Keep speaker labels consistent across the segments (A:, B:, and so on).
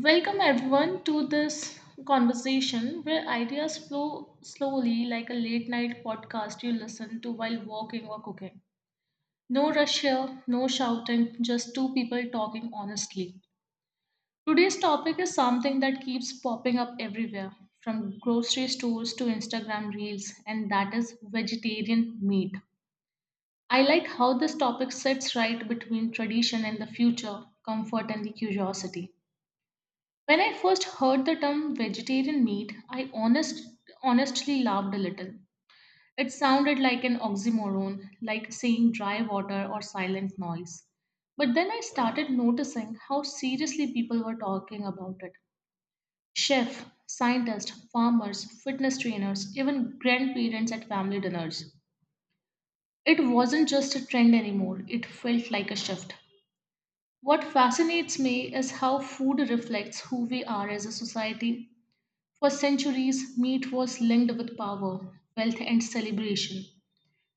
A: Welcome everyone to this conversation where ideas flow slowly like a late night podcast you listen to while walking or cooking. No rush here, no shouting, just two people talking honestly. Today's topic is something that keeps popping up everywhere, from grocery stores to Instagram reels, and that is vegetarian meat. I like how this topic sits right between tradition and the future, comfort and the curiosity. When I first heard the term vegetarian meat, I honestly laughed a little. It sounded like an oxymoron, like saying dry water or silent noise. But then I started noticing how seriously people were talking about it. Chefs, scientists, farmers, fitness trainers, even grandparents at family dinners. It wasn't just a trend anymore, it felt like a shift. What fascinates me is how food reflects who we are as a society. For centuries, meat was linked with power, wealth, and celebration.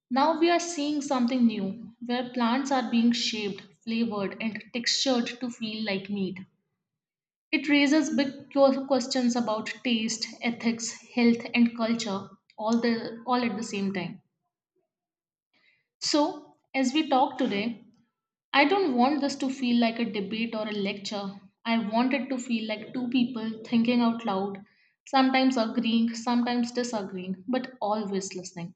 A: Now we are seeing something new, where plants are being shaped, flavored, and textured to feel like meat. It raises big questions about taste, ethics, health, and culture all at the same time. So, as we talk today, I don't want this to feel like a debate or a lecture. I want it to feel like two people thinking out loud, sometimes agreeing, sometimes disagreeing, but always listening.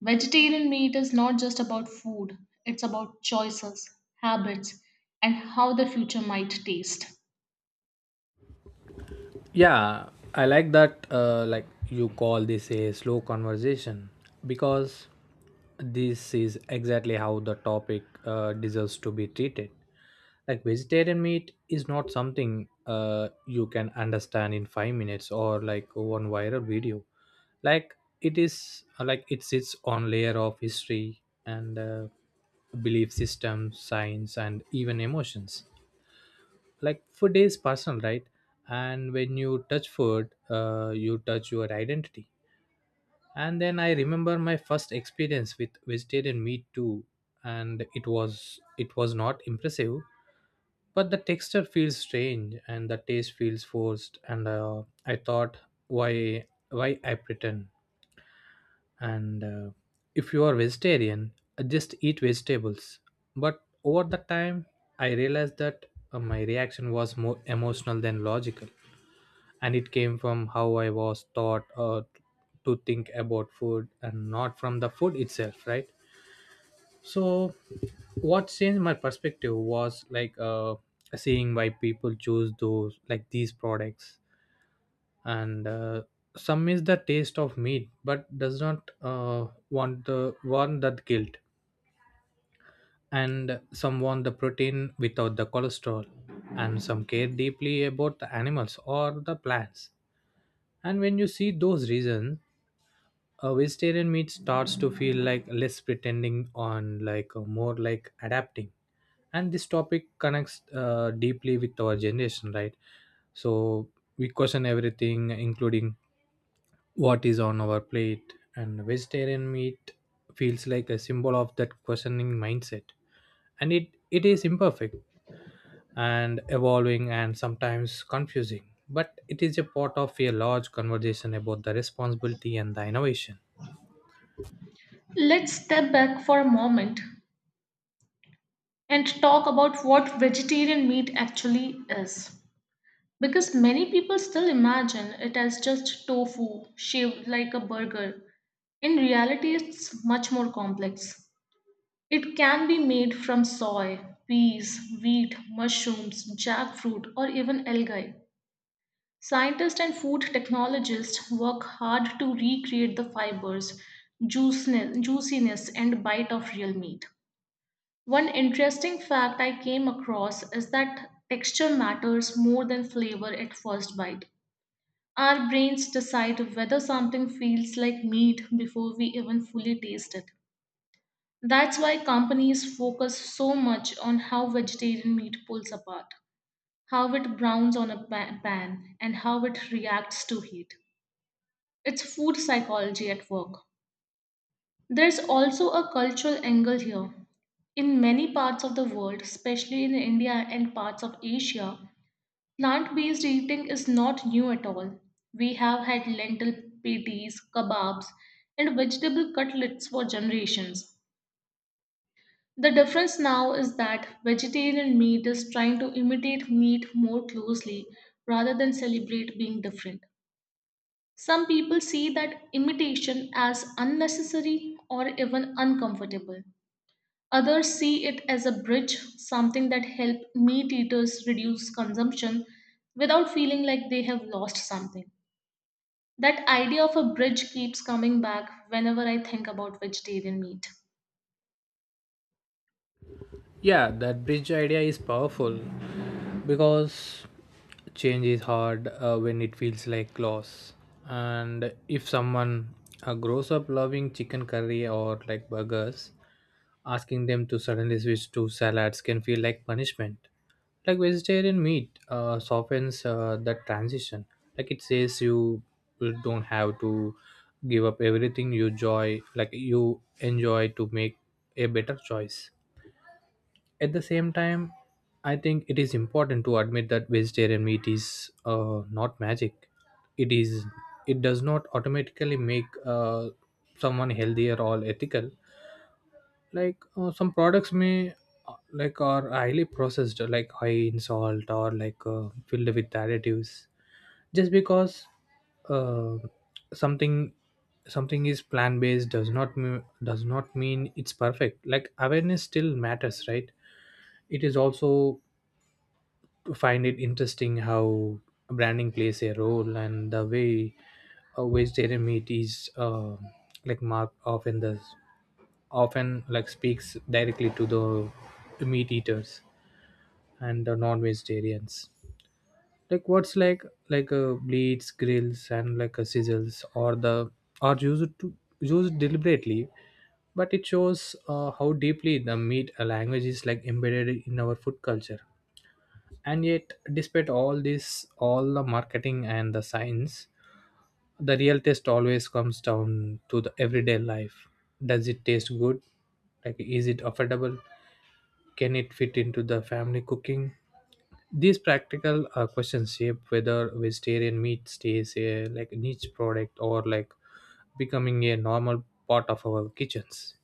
A: Vegetarian meat is not just about food, it's about choices, habits, and how the future might taste.
B: Yeah, I like that, like you call this a slow conversation, because this is exactly how the topic deserves to be treated. Like vegetarian meat is not something you can understand in 5 minutes, or like one viral video. Like it is like it sits on layer of history and belief systems, science, and even emotions. Like food is personal, right? And when you touch food, you touch your identity. And then I remember my first experience with vegetarian meat too, and it was not impressive. But the texture feels strange and the taste feels forced, and I thought, why, why I pretend? And if you are vegetarian, just eat vegetables. But over the time, I realized that my reaction was more emotional than logical, and it came from how I was taught to think about food, and not from the food itself, right? So what changed my perspective was like seeing why people choose those like these products. And some miss the taste of meat but does not want that guilt. And some want the protein without the cholesterol, and some care deeply about the animals or the plants. And when you see those reasons, a vegetarian meat starts to feel like less pretending on, like more like adapting. And this topic connects deeply with our generation, right? So we question everything, including what is on our plate, and vegetarian meat feels like a symbol of that questioning mindset. And it is imperfect and evolving and sometimes confusing, but it is a part of a large conversation about the responsibility and the innovation.
A: Let's step back for a moment and talk about what vegetarian meat actually is. Because many people still imagine it as just tofu shaved like a burger. In reality, it's much more complex. It can be made from soy, peas, wheat, mushrooms, jackfruit, or even algae. Scientists and food technologists work hard to recreate the fibers, juiciness, and bite of real meat. One interesting fact I came across is that texture matters more than flavor at first bite. Our brains decide whether something feels like meat before we even fully taste it. That's why companies focus so much on how vegetarian meat pulls apart, how it browns on a pan, and how it reacts to heat. It's food psychology at work. There's also a cultural angle here. In many parts of the world, especially in India and parts of Asia, plant based eating is not new at all. We have had lentil patties, kebabs, and vegetable cutlets for generations. The difference now is that vegetarian meat is trying to imitate meat more closely rather than celebrate being different. Some people see that imitation as unnecessary or even uncomfortable. Others see it as a bridge, something that help meat eaters reduce consumption without feeling like they have lost something. That idea of a bridge keeps coming back whenever I think about vegetarian meat.
B: Yeah, that bridge idea is powerful, because change is hard when it feels like loss. And if someone grows up loving chicken curry or like burgers, asking them to suddenly switch to salads can feel like punishment. Like vegetarian meat softens that transition. Like it says, you don't have to give up everything you joy, like you enjoy, to make a better choice. At the same time, I think it is important to admit that vegetarian meat is not magic. It is, it does not automatically make someone healthier or ethical. Like some products may like are highly processed, like high in salt, or like filled with additives. Just because, uh, something something is plan based, does not mean it's perfect. Like awareness still matters, right? It is also to find it interesting how branding plays a role, and the way vegetarian meat is like mark often does, often like speaks directly to the meat eaters and the non-vegetarians. Like what's like bleeds, grills, and like a sizzles, or the are used to used deliberately. But it shows how deeply the meat language is like embedded in our food culture. And yet, despite all this, all the marketing and the science, the real test always comes down to the everyday life. Does it taste good? Like, is it affordable? Can it fit into the family cooking? These practical questions shape whether vegetarian meat stays a like niche product, or like becoming a normal part of our kitchens.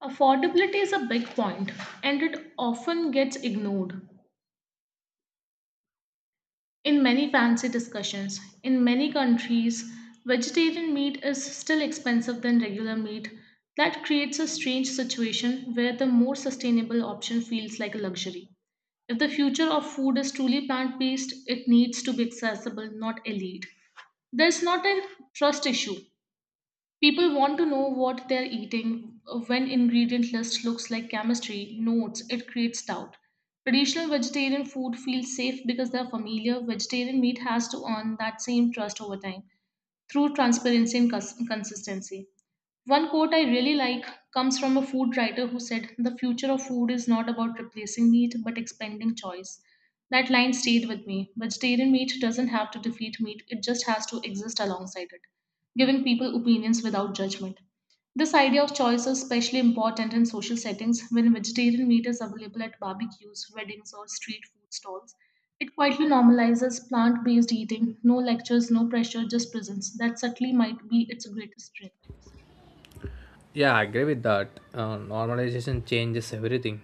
A: Affordability is a big point, and it often gets ignored in many fancy discussions. In many countries, vegetarian meat is still expensive than regular meat. That creates a strange situation where the more sustainable option feels like a luxury. If the future of food is truly plant based, it needs to be accessible, not elite. There's not a trust issue. People want to know what they're eating when ingredient list looks like chemistry notes. It creates doubt. Traditional vegetarian food feels safe because they're familiar. Vegetarian meat has to earn that same trust over time through transparency and consistency. One quote I really like comes from a food writer who said, "The future of food is not about replacing meat, but expanding choice." That line stayed with me. Vegetarian meat doesn't have to defeat meat, it just has to exist alongside it, giving people opinions without judgment. This idea of choice is especially important in social settings when vegetarian meat is available at barbecues, weddings, or street food stalls. It quietly normalizes plant based eating, no lectures, no pressure, just presence. That subtly might be its greatest strength.
B: Yeah, I agree with that. Normalization changes everything.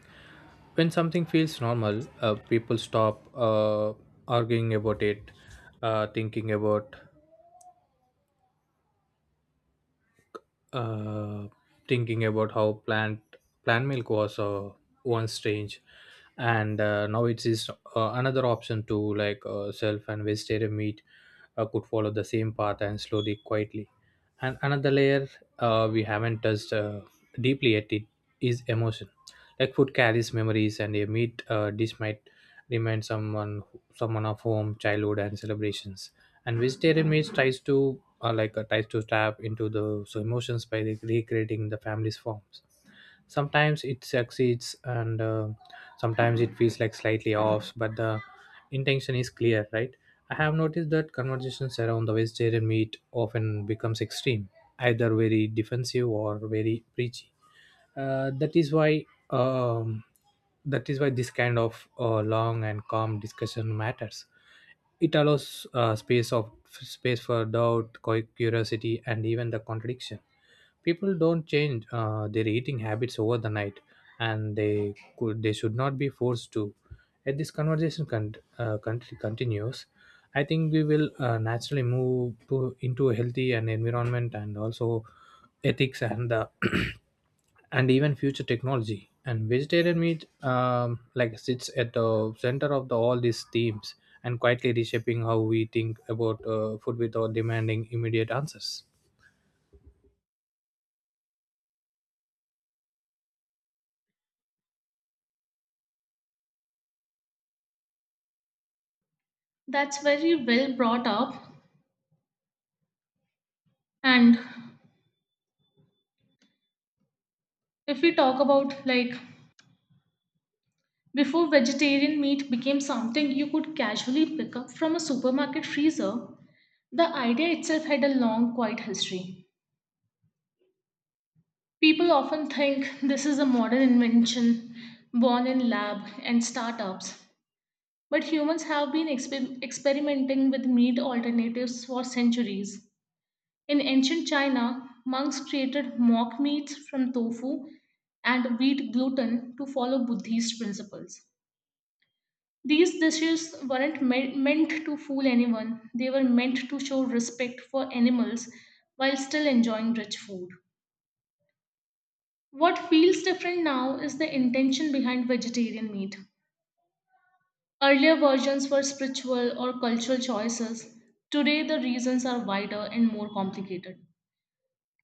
B: When something feels normal, people stop, arguing about it, uh, thinking about uh, thinking about how plant milk was, one strange. And now it is another option to, like self. And vegetarian meat could follow the same path, and slowly, quietly. And another layer we haven't touched deeply yet, it is emotion. Like food carries memories, and a meat dish might remind someone of home, childhood, and celebrations. And vegetarian meals tries to tap into the so emotions by recreating the family's forms. Sometimes it succeeds, and sometimes it feels like slightly off, but the intention is clear, right? I have noticed that conversations around the vegetarian meat often becomes extreme, either very defensive or very preachy. Uh, that is why um, that is why this kind of long and calm discussion matters. It allows space of space for doubt, curiosity, and even the contradiction. People don't change their eating habits over the night, and they should not be forced to. As this conversation continues, I think we will naturally move to into a healthy and environment, and also ethics, and the and even future technology, and vegetarian meat like sits at the center of the, all these themes, and quietly reshaping how we think about food, without demanding immediate answers.
A: That's very well brought up. And if we talk about like before vegetarian meat became something you could casually pick up from a supermarket freezer, the idea itself had a long, quiet history. People often think this is a modern invention born in lab and startups, but humans have been experimenting with meat alternatives for centuries. In ancient China, monks created mock meats from tofu and wheat gluten to follow Buddhist principles. These dishes weren't meant to fool anyone, they were meant to show respect for animals while still enjoying rich food. What feels different now is the intention behind vegetarian meat. Earlier versions were spiritual or cultural choices. Today, the reasons are wider and more complicated.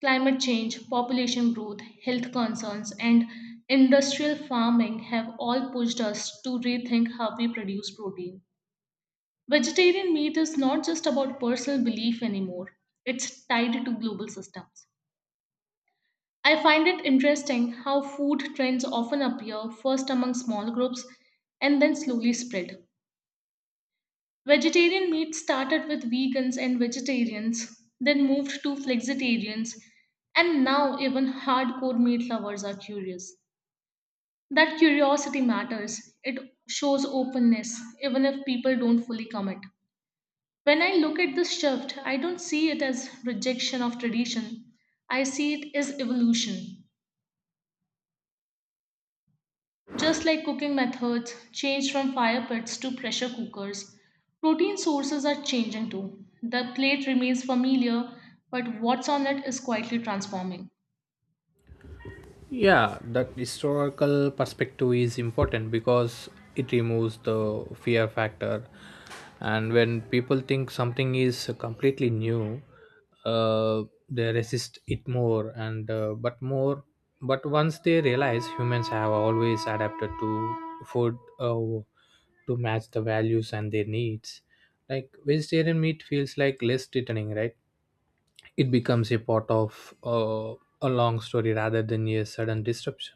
A: Climate change, population growth, health concerns, and industrial farming have all pushed us to rethink how we produce protein. Vegetarian meat is not just about personal belief anymore, it's tied to global systems. I find it interesting how food trends often appear first among small groups and then slowly spread. Vegetarian meat started with vegans and vegetarians, then moved to flexitarians, and now even hardcore meat lovers are curious. That curiosity matters. It shows openness, even if people don't fully commit. When I look at this shift, I don't see it as rejection of tradition, I see it as evolution. Just like cooking methods changed from fire pits to pressure cookers, protein sources are changing too. The plate remains familiar, but what's on it is quietly transforming.
B: Yeah, that historical perspective is important, because it removes the fear factor. And when people think something is completely new, uh, they resist it more. But once they realize humans have always adapted to food, to match the values and their needs, like vegetarian meat feels like less threatening, right? It becomes a part of a long story rather than a sudden disruption.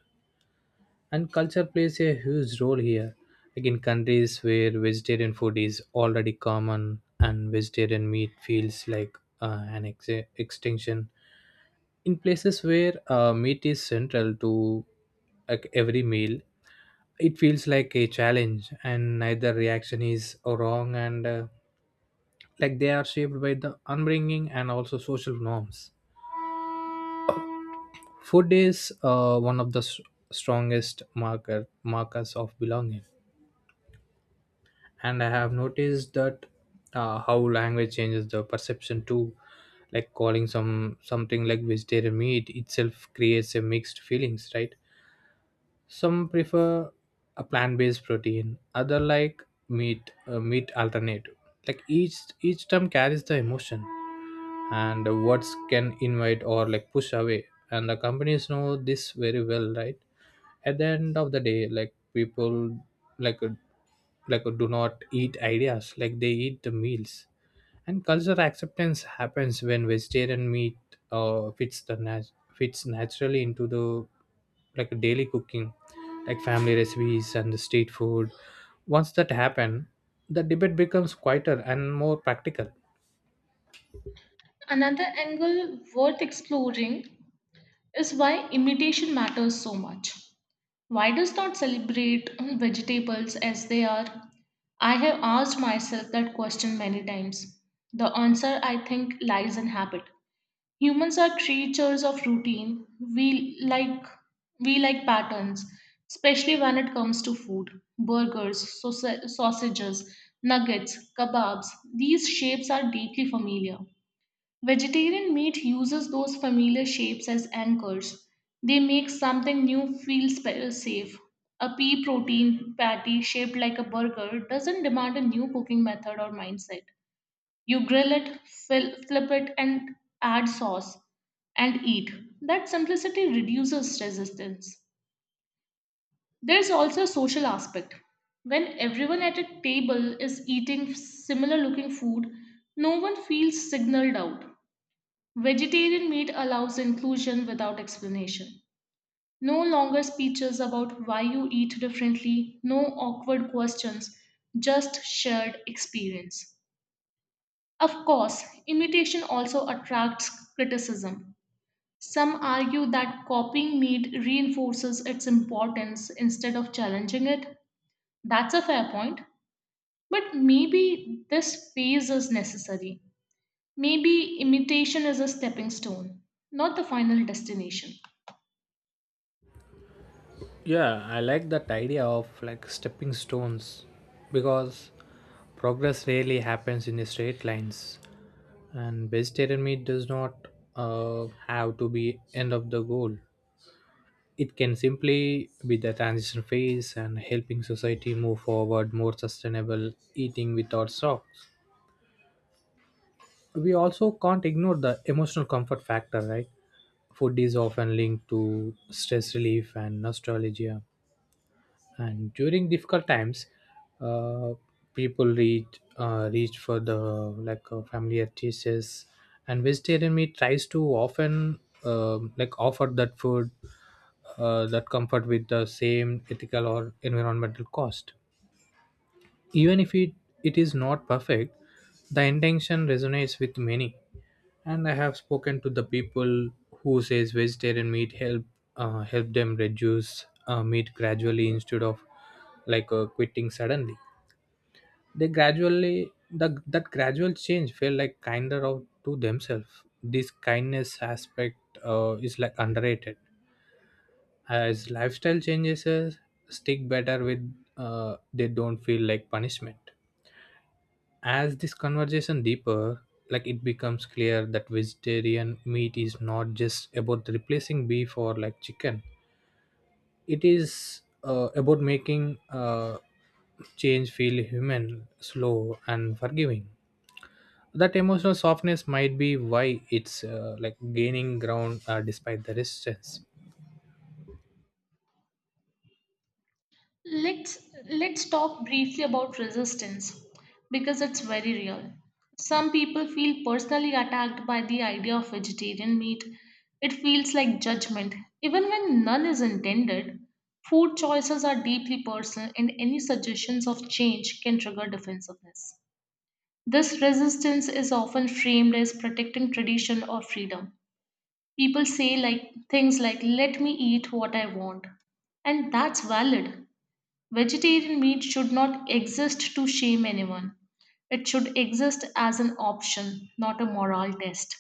B: And culture plays a huge role here. Like in countries where vegetarian food is already common, and vegetarian meat feels like an extinction. In places where meat is central to, like, every meal, it feels like a challenge. And neither reaction is wrong, and like they are shaped by the upbringing and also social norms. Food is one of the strongest markers of belonging, and I have noticed that how language changes the perception too. Like calling something like vegetarian meat itself creates a mixed feelings, right? Some prefer a plant-based protein, other like meat alternative. Like each term carries the emotion, and what's can invite or like push away, and the companies know this very well, right? At the end of the day, like people, like uh, do not eat ideas, like they eat the meals. And cultural acceptance happens when vegetarian meat fits naturally into the like daily cooking, like family recipes and the street food. Once that happen, the debate becomes quieter and more practical.
A: Another angle worth exploring is why imitation matters so much. Why does not celebrate vegetables as they are? I have asked myself that question many times. The answer, I think, lies in habit. Humans are creatures of routine. We like patterns, especially when it comes to food. Burgers, sausages, nuggets, kebabs. These shapes are deeply familiar. Vegetarian meat uses those familiar shapes as anchors. They make something new feel safe. A pea protein patty shaped like a burger doesn't demand a new cooking method or mindset. You grill it, fill, flip it, and add sauce and eat. That simplicity reduces resistance. There's also a social aspect. When everyone at a table is eating similar looking food, no one feels signaled out. Vegetarian meat allows inclusion without explanation. No longer speeches about why you eat differently, no awkward questions, just shared experience. Of course, imitation also attracts criticism. Some argue that copying need reinforces its importance instead of challenging it. That's a fair point. But maybe this phase is necessary. Maybe imitation is a stepping stone, not the final destination.
B: Yeah, I like that idea of like stepping stones, because progress rarely happens in straight lines, and vegetarian meat does not have to be end of the goal. It can simply be the transition phase and helping society move forward more sustainable eating without stocks. We also can't ignore the emotional comfort factor, right? Food is often linked to stress relief and nostalgia, and during difficult times, uh, people reach for the like familiar dishes. And vegetarian meat tries to often like offer that food, that comfort, with the same ethical or environmental cost. Even if it is not perfect, the intention resonates with many. And I have spoken to the people who says vegetarian meat help them reduce meat gradually, instead of like quitting suddenly. They that gradual change felt like kinder of to themselves. This kindness aspect is like underrated. As lifestyle changes, stick better with, they don't feel like punishment. As this conversation deeper, like it becomes clear that vegetarian meat is not just about replacing beef or like chicken. It is about making change feel human, slow, and forgiving. That emotional softness might be why it's like gaining ground despite the resistance.
A: Let's let's talk briefly about resistance because it's very real. Some people feel personally attacked by the idea of vegetarian meat. It feels like judgment, even when none is intended. Food choices are deeply personal, and any suggestions of change can trigger defensiveness. This resistance is often framed as protecting tradition or freedom. People say like things like "Let me eat what I want," and that's valid. Vegetarian meat should not exist to shame anyone. It should exist as an option, not a moral test.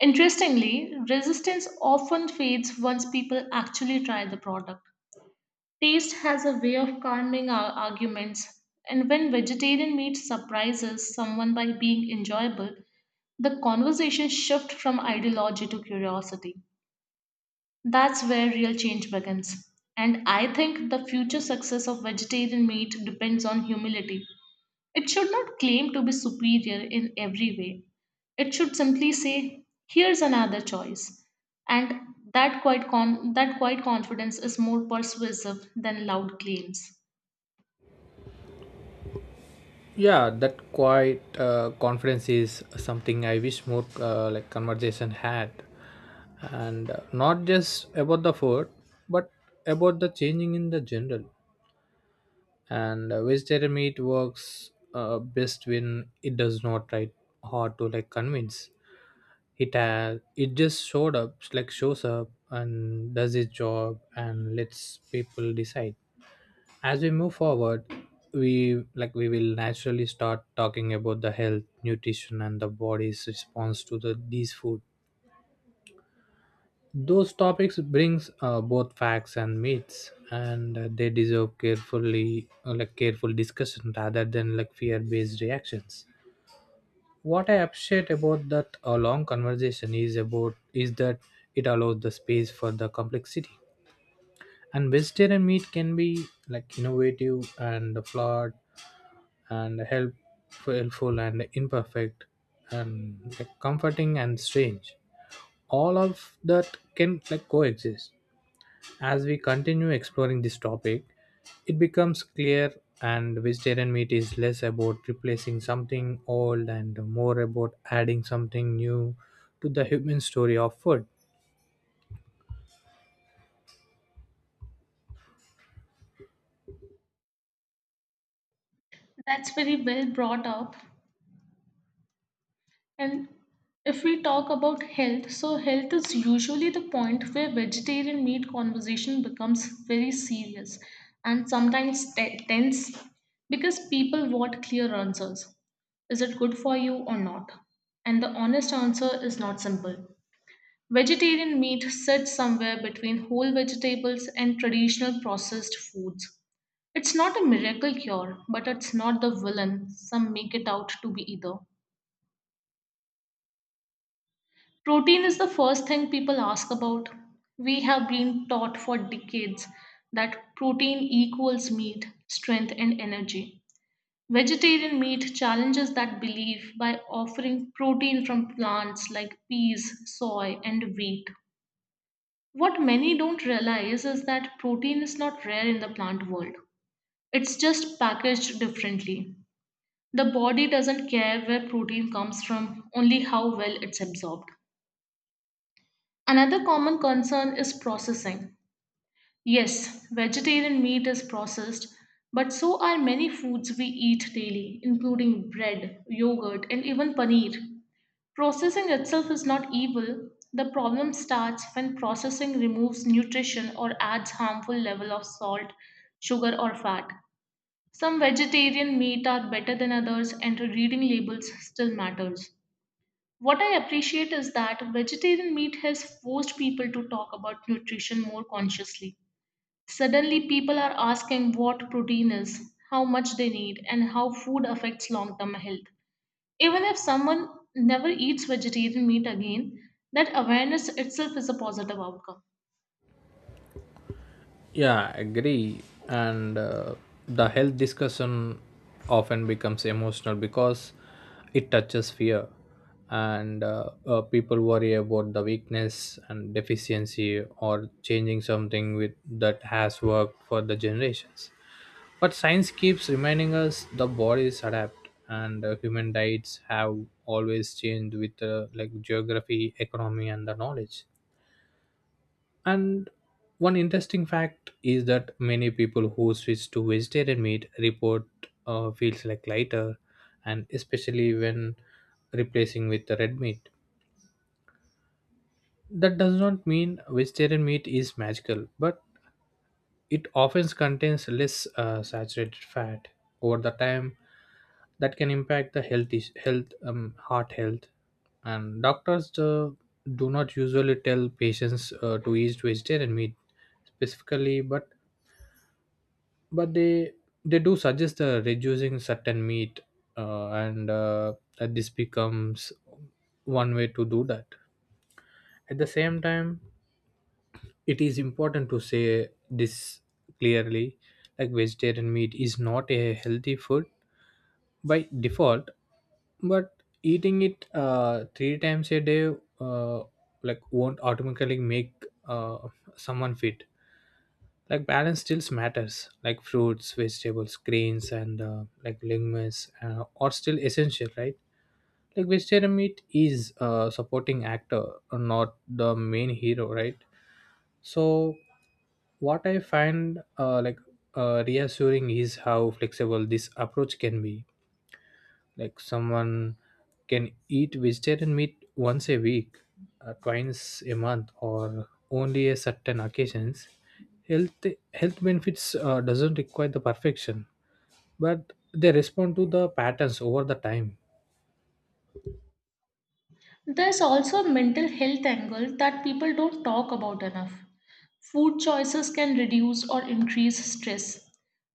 A: Interestingly, resistance often fades once people actually try the product. Taste has a way of calming our arguments, and when vegetarian meat surprises someone by being enjoyable, the conversation shifts from ideology to curiosity. That's where real change begins. And I think the future success of vegetarian meat depends on humility. It should not claim to be superior in every way. It should simply say, here's another choice. And that quiet confidence is more persuasive than loud claims.
B: Yeah, that quiet confidence is something I wish more like conversation had. And not just about the food, but about the changing in the general. And vegetarian meat works best when it does not try hard to like convince. It just showed up, like shows up and does its job and lets people decide. As we move forward, we will naturally start talking about the health, nutrition, and the body's response to the these food. Those topics brings both facts and myths, and they deserve carefully, like careful discussion rather than like fear-based reactions. What I appreciate about that long conversation is that it allows the space for the complexity. And vegetarian meat can be like innovative and flawed, and helpful and imperfect, and like, comforting and strange. All of that can like coexist. As we continue exploring this topic, it becomes clear, and vegetarian meat is less about replacing something old and more about adding something new to the human story of food.
A: That's very well brought up. And if we talk about health, so health is usually the point where vegetarian meat conversation becomes very serious and sometimes tense because people want clear answers. Is it good for you or not? And the honest answer is not simple. Vegetarian meat sits somewhere between whole vegetables and traditional processed foods. It's not a miracle cure, but it's not the villain some make it out to be either. Protein is the first thing people ask about. We have been taught for decades that protein equals meat, strength, and energy. Vegetarian meat challenges that belief by offering protein from plants like peas, soy, and wheat. What many don't realize is that protein is not rare in the plant world, it's just packaged differently. The body doesn't care where protein comes from, only how well it's absorbed. Another common concern is processing. Yes, vegetarian meat is processed, but so are many foods we eat daily, including bread, yogurt, and even paneer. Processing itself is not evil. The problem starts when processing removes nutrition or adds harmful level of salt, sugar, or fat. Some vegetarian meat are better than others, and reading labels still matters. What I appreciate is that vegetarian meat has forced people to talk about nutrition more consciously. Suddenly, people are asking what protein is, how much they need, and how food affects long term health. Even if someone never eats vegetarian meat again, that awareness itself is a positive outcome.
B: Yeah, I agree. And the health discussion often becomes emotional, because it touches fear, and people worry about the weakness and deficiency, or changing something with that has worked for the generations. But science keeps reminding us the bodies adapt, and human diets have always changed with like geography, economy, and the knowledge. And one interesting fact is that many people who switch to vegetarian meat report feels like lighter, and especially when replacing with the red meat. That does not mean vegetarian meat is magical, but it often contains less saturated fat. Over the time, that can impact the health is- health heart health. And doctors do not usually tell patients to eat vegetarian meat specifically, but but they they do suggest reducing certain meat, and that this becomes one way to do that. At the same time, it is important to say this clearly, like vegetarian meat is not a healthy food by default, but eating it 3 times a day uh, like won't automatically make uh, someone fit. Like balance still matters, like fruits, vegetables, grains, and like legumes are still essential, right? Like vegetarian meat is a supporting actor, not the main hero, right? So what I find reassuring is how flexible this approach can be. Like someone can eat vegetarian meat once a week, twice a month, or only a certain occasions. Health health benefits doesn't require the perfection, but they respond to the patterns over the time.
A: There's also a mental health angle that people don't talk about enough. Food choices can reduce or increase stress.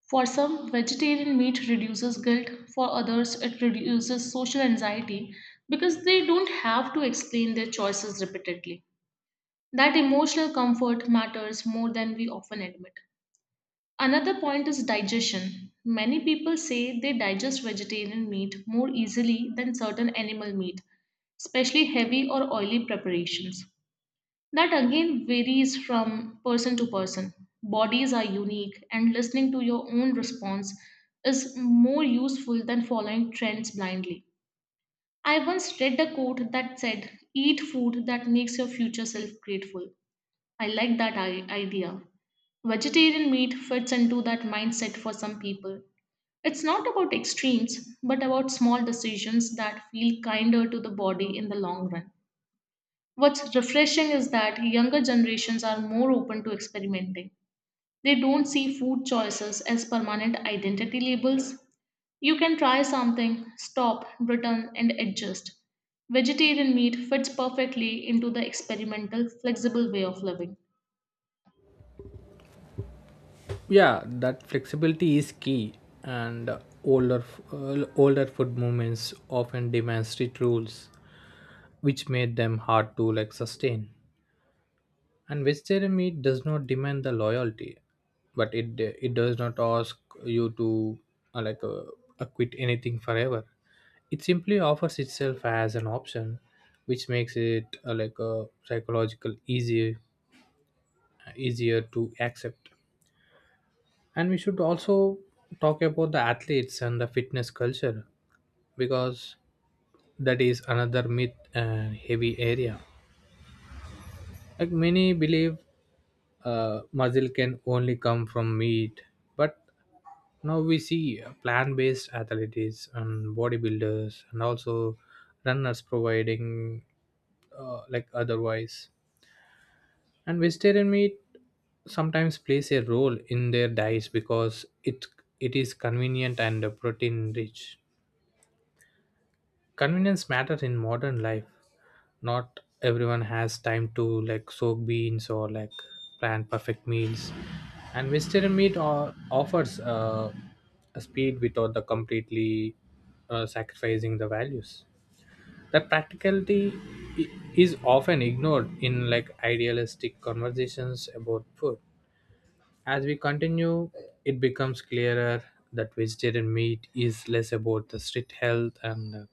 A: For some, vegetarian meat reduces guilt, for others, it reduces social anxiety because they don't have to explain their choices repeatedly. That emotional comfort matters more than we often admit. Another point is digestion. Many people say they digest vegetarian meat more easily than certain animal meat, especially heavy or oily preparations. That again varies from person to person. Bodies are unique, and listening to your own response is more useful than following trends blindly. I once read a quote that said, "Eat food that makes your future self grateful." I like that idea. Vegetarian meat fits into that mindset for some people. It's not about extremes, but about small decisions that feel kinder to the body in the long run. What's refreshing is that younger generations are more open to experimenting. They don't see food choices as permanent identity labels. You can try something, stop, return, and adjust. Vegetarian meat fits perfectly into the experimental, flexible way of living.
B: Yeah, that flexibility is key, and older older food movements often demand strict rules, which made them hard to like sustain. And vegetarian meat does not demand the loyalty, but it does not ask you to uh, like uh, quit anything forever. It simply offers itself as an option, which makes it like a psychological easier to accept. And we should also talk about the athletes and the fitness culture, because that is another myth and heavy area. Like many believe muscle can only come from meat, but now we see plant-based athletes and bodybuilders and also runners providing like otherwise. And vegetarian meat sometimes plays a role in their diets because it is convenient and protein rich. Convenience matters in modern life. Not everyone has time to like soak beans or like plan perfect meals. And vegetarian meat or, offers a speed without the completely sacrificing the values. That practicality i- is often ignored in like idealistic conversations about food. As we continue, it becomes clearer that vegetarian meat is less about the strict health and uh,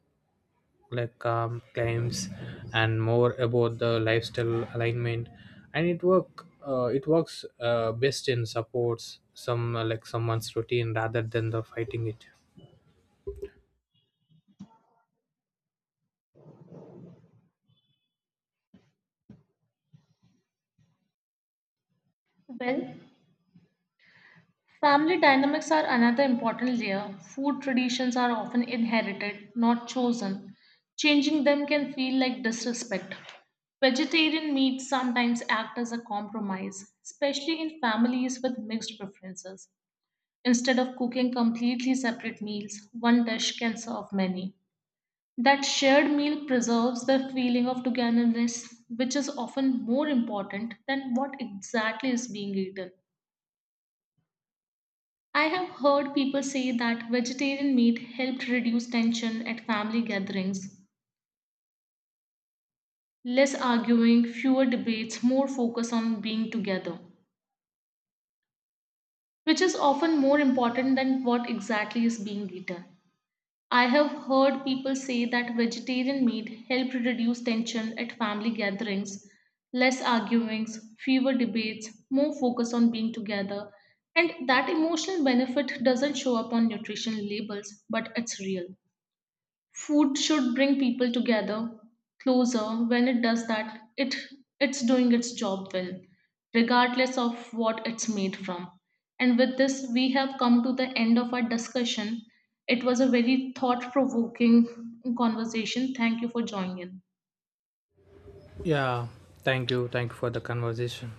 B: like um, claims, and more about the lifestyle alignment. And it works best in supports some like someone's routine rather than the fighting it.
A: Well, family dynamics are another important layer. Food traditions are often inherited, not chosen. Changing them can feel like disrespect. Vegetarian meats sometimes act as a compromise, especially in families with mixed preferences. Instead of cooking completely separate meals, one dish can serve many. That shared meal preserves the feeling of togetherness, which is often more important than what exactly is being eaten. I have heard people say that vegetarian meat helped reduce tension at family gatherings. Less arguing, fewer debates, more focus on being together, which is often more important than what exactly is being eaten. I have heard people say that vegetarian meat helped reduce tension at family gatherings. Less arguings, fewer debates, more focus on being together, and that emotional benefit doesn't show up on nutrition labels, but it's real. Food should bring people together closer. When it does that, it's doing its job well, regardless of what it's made from. And with this, we have come to the end of our discussion. It was a very thought-provoking conversation. Thank you for joining in.
B: Yeah, thank you for the conversation.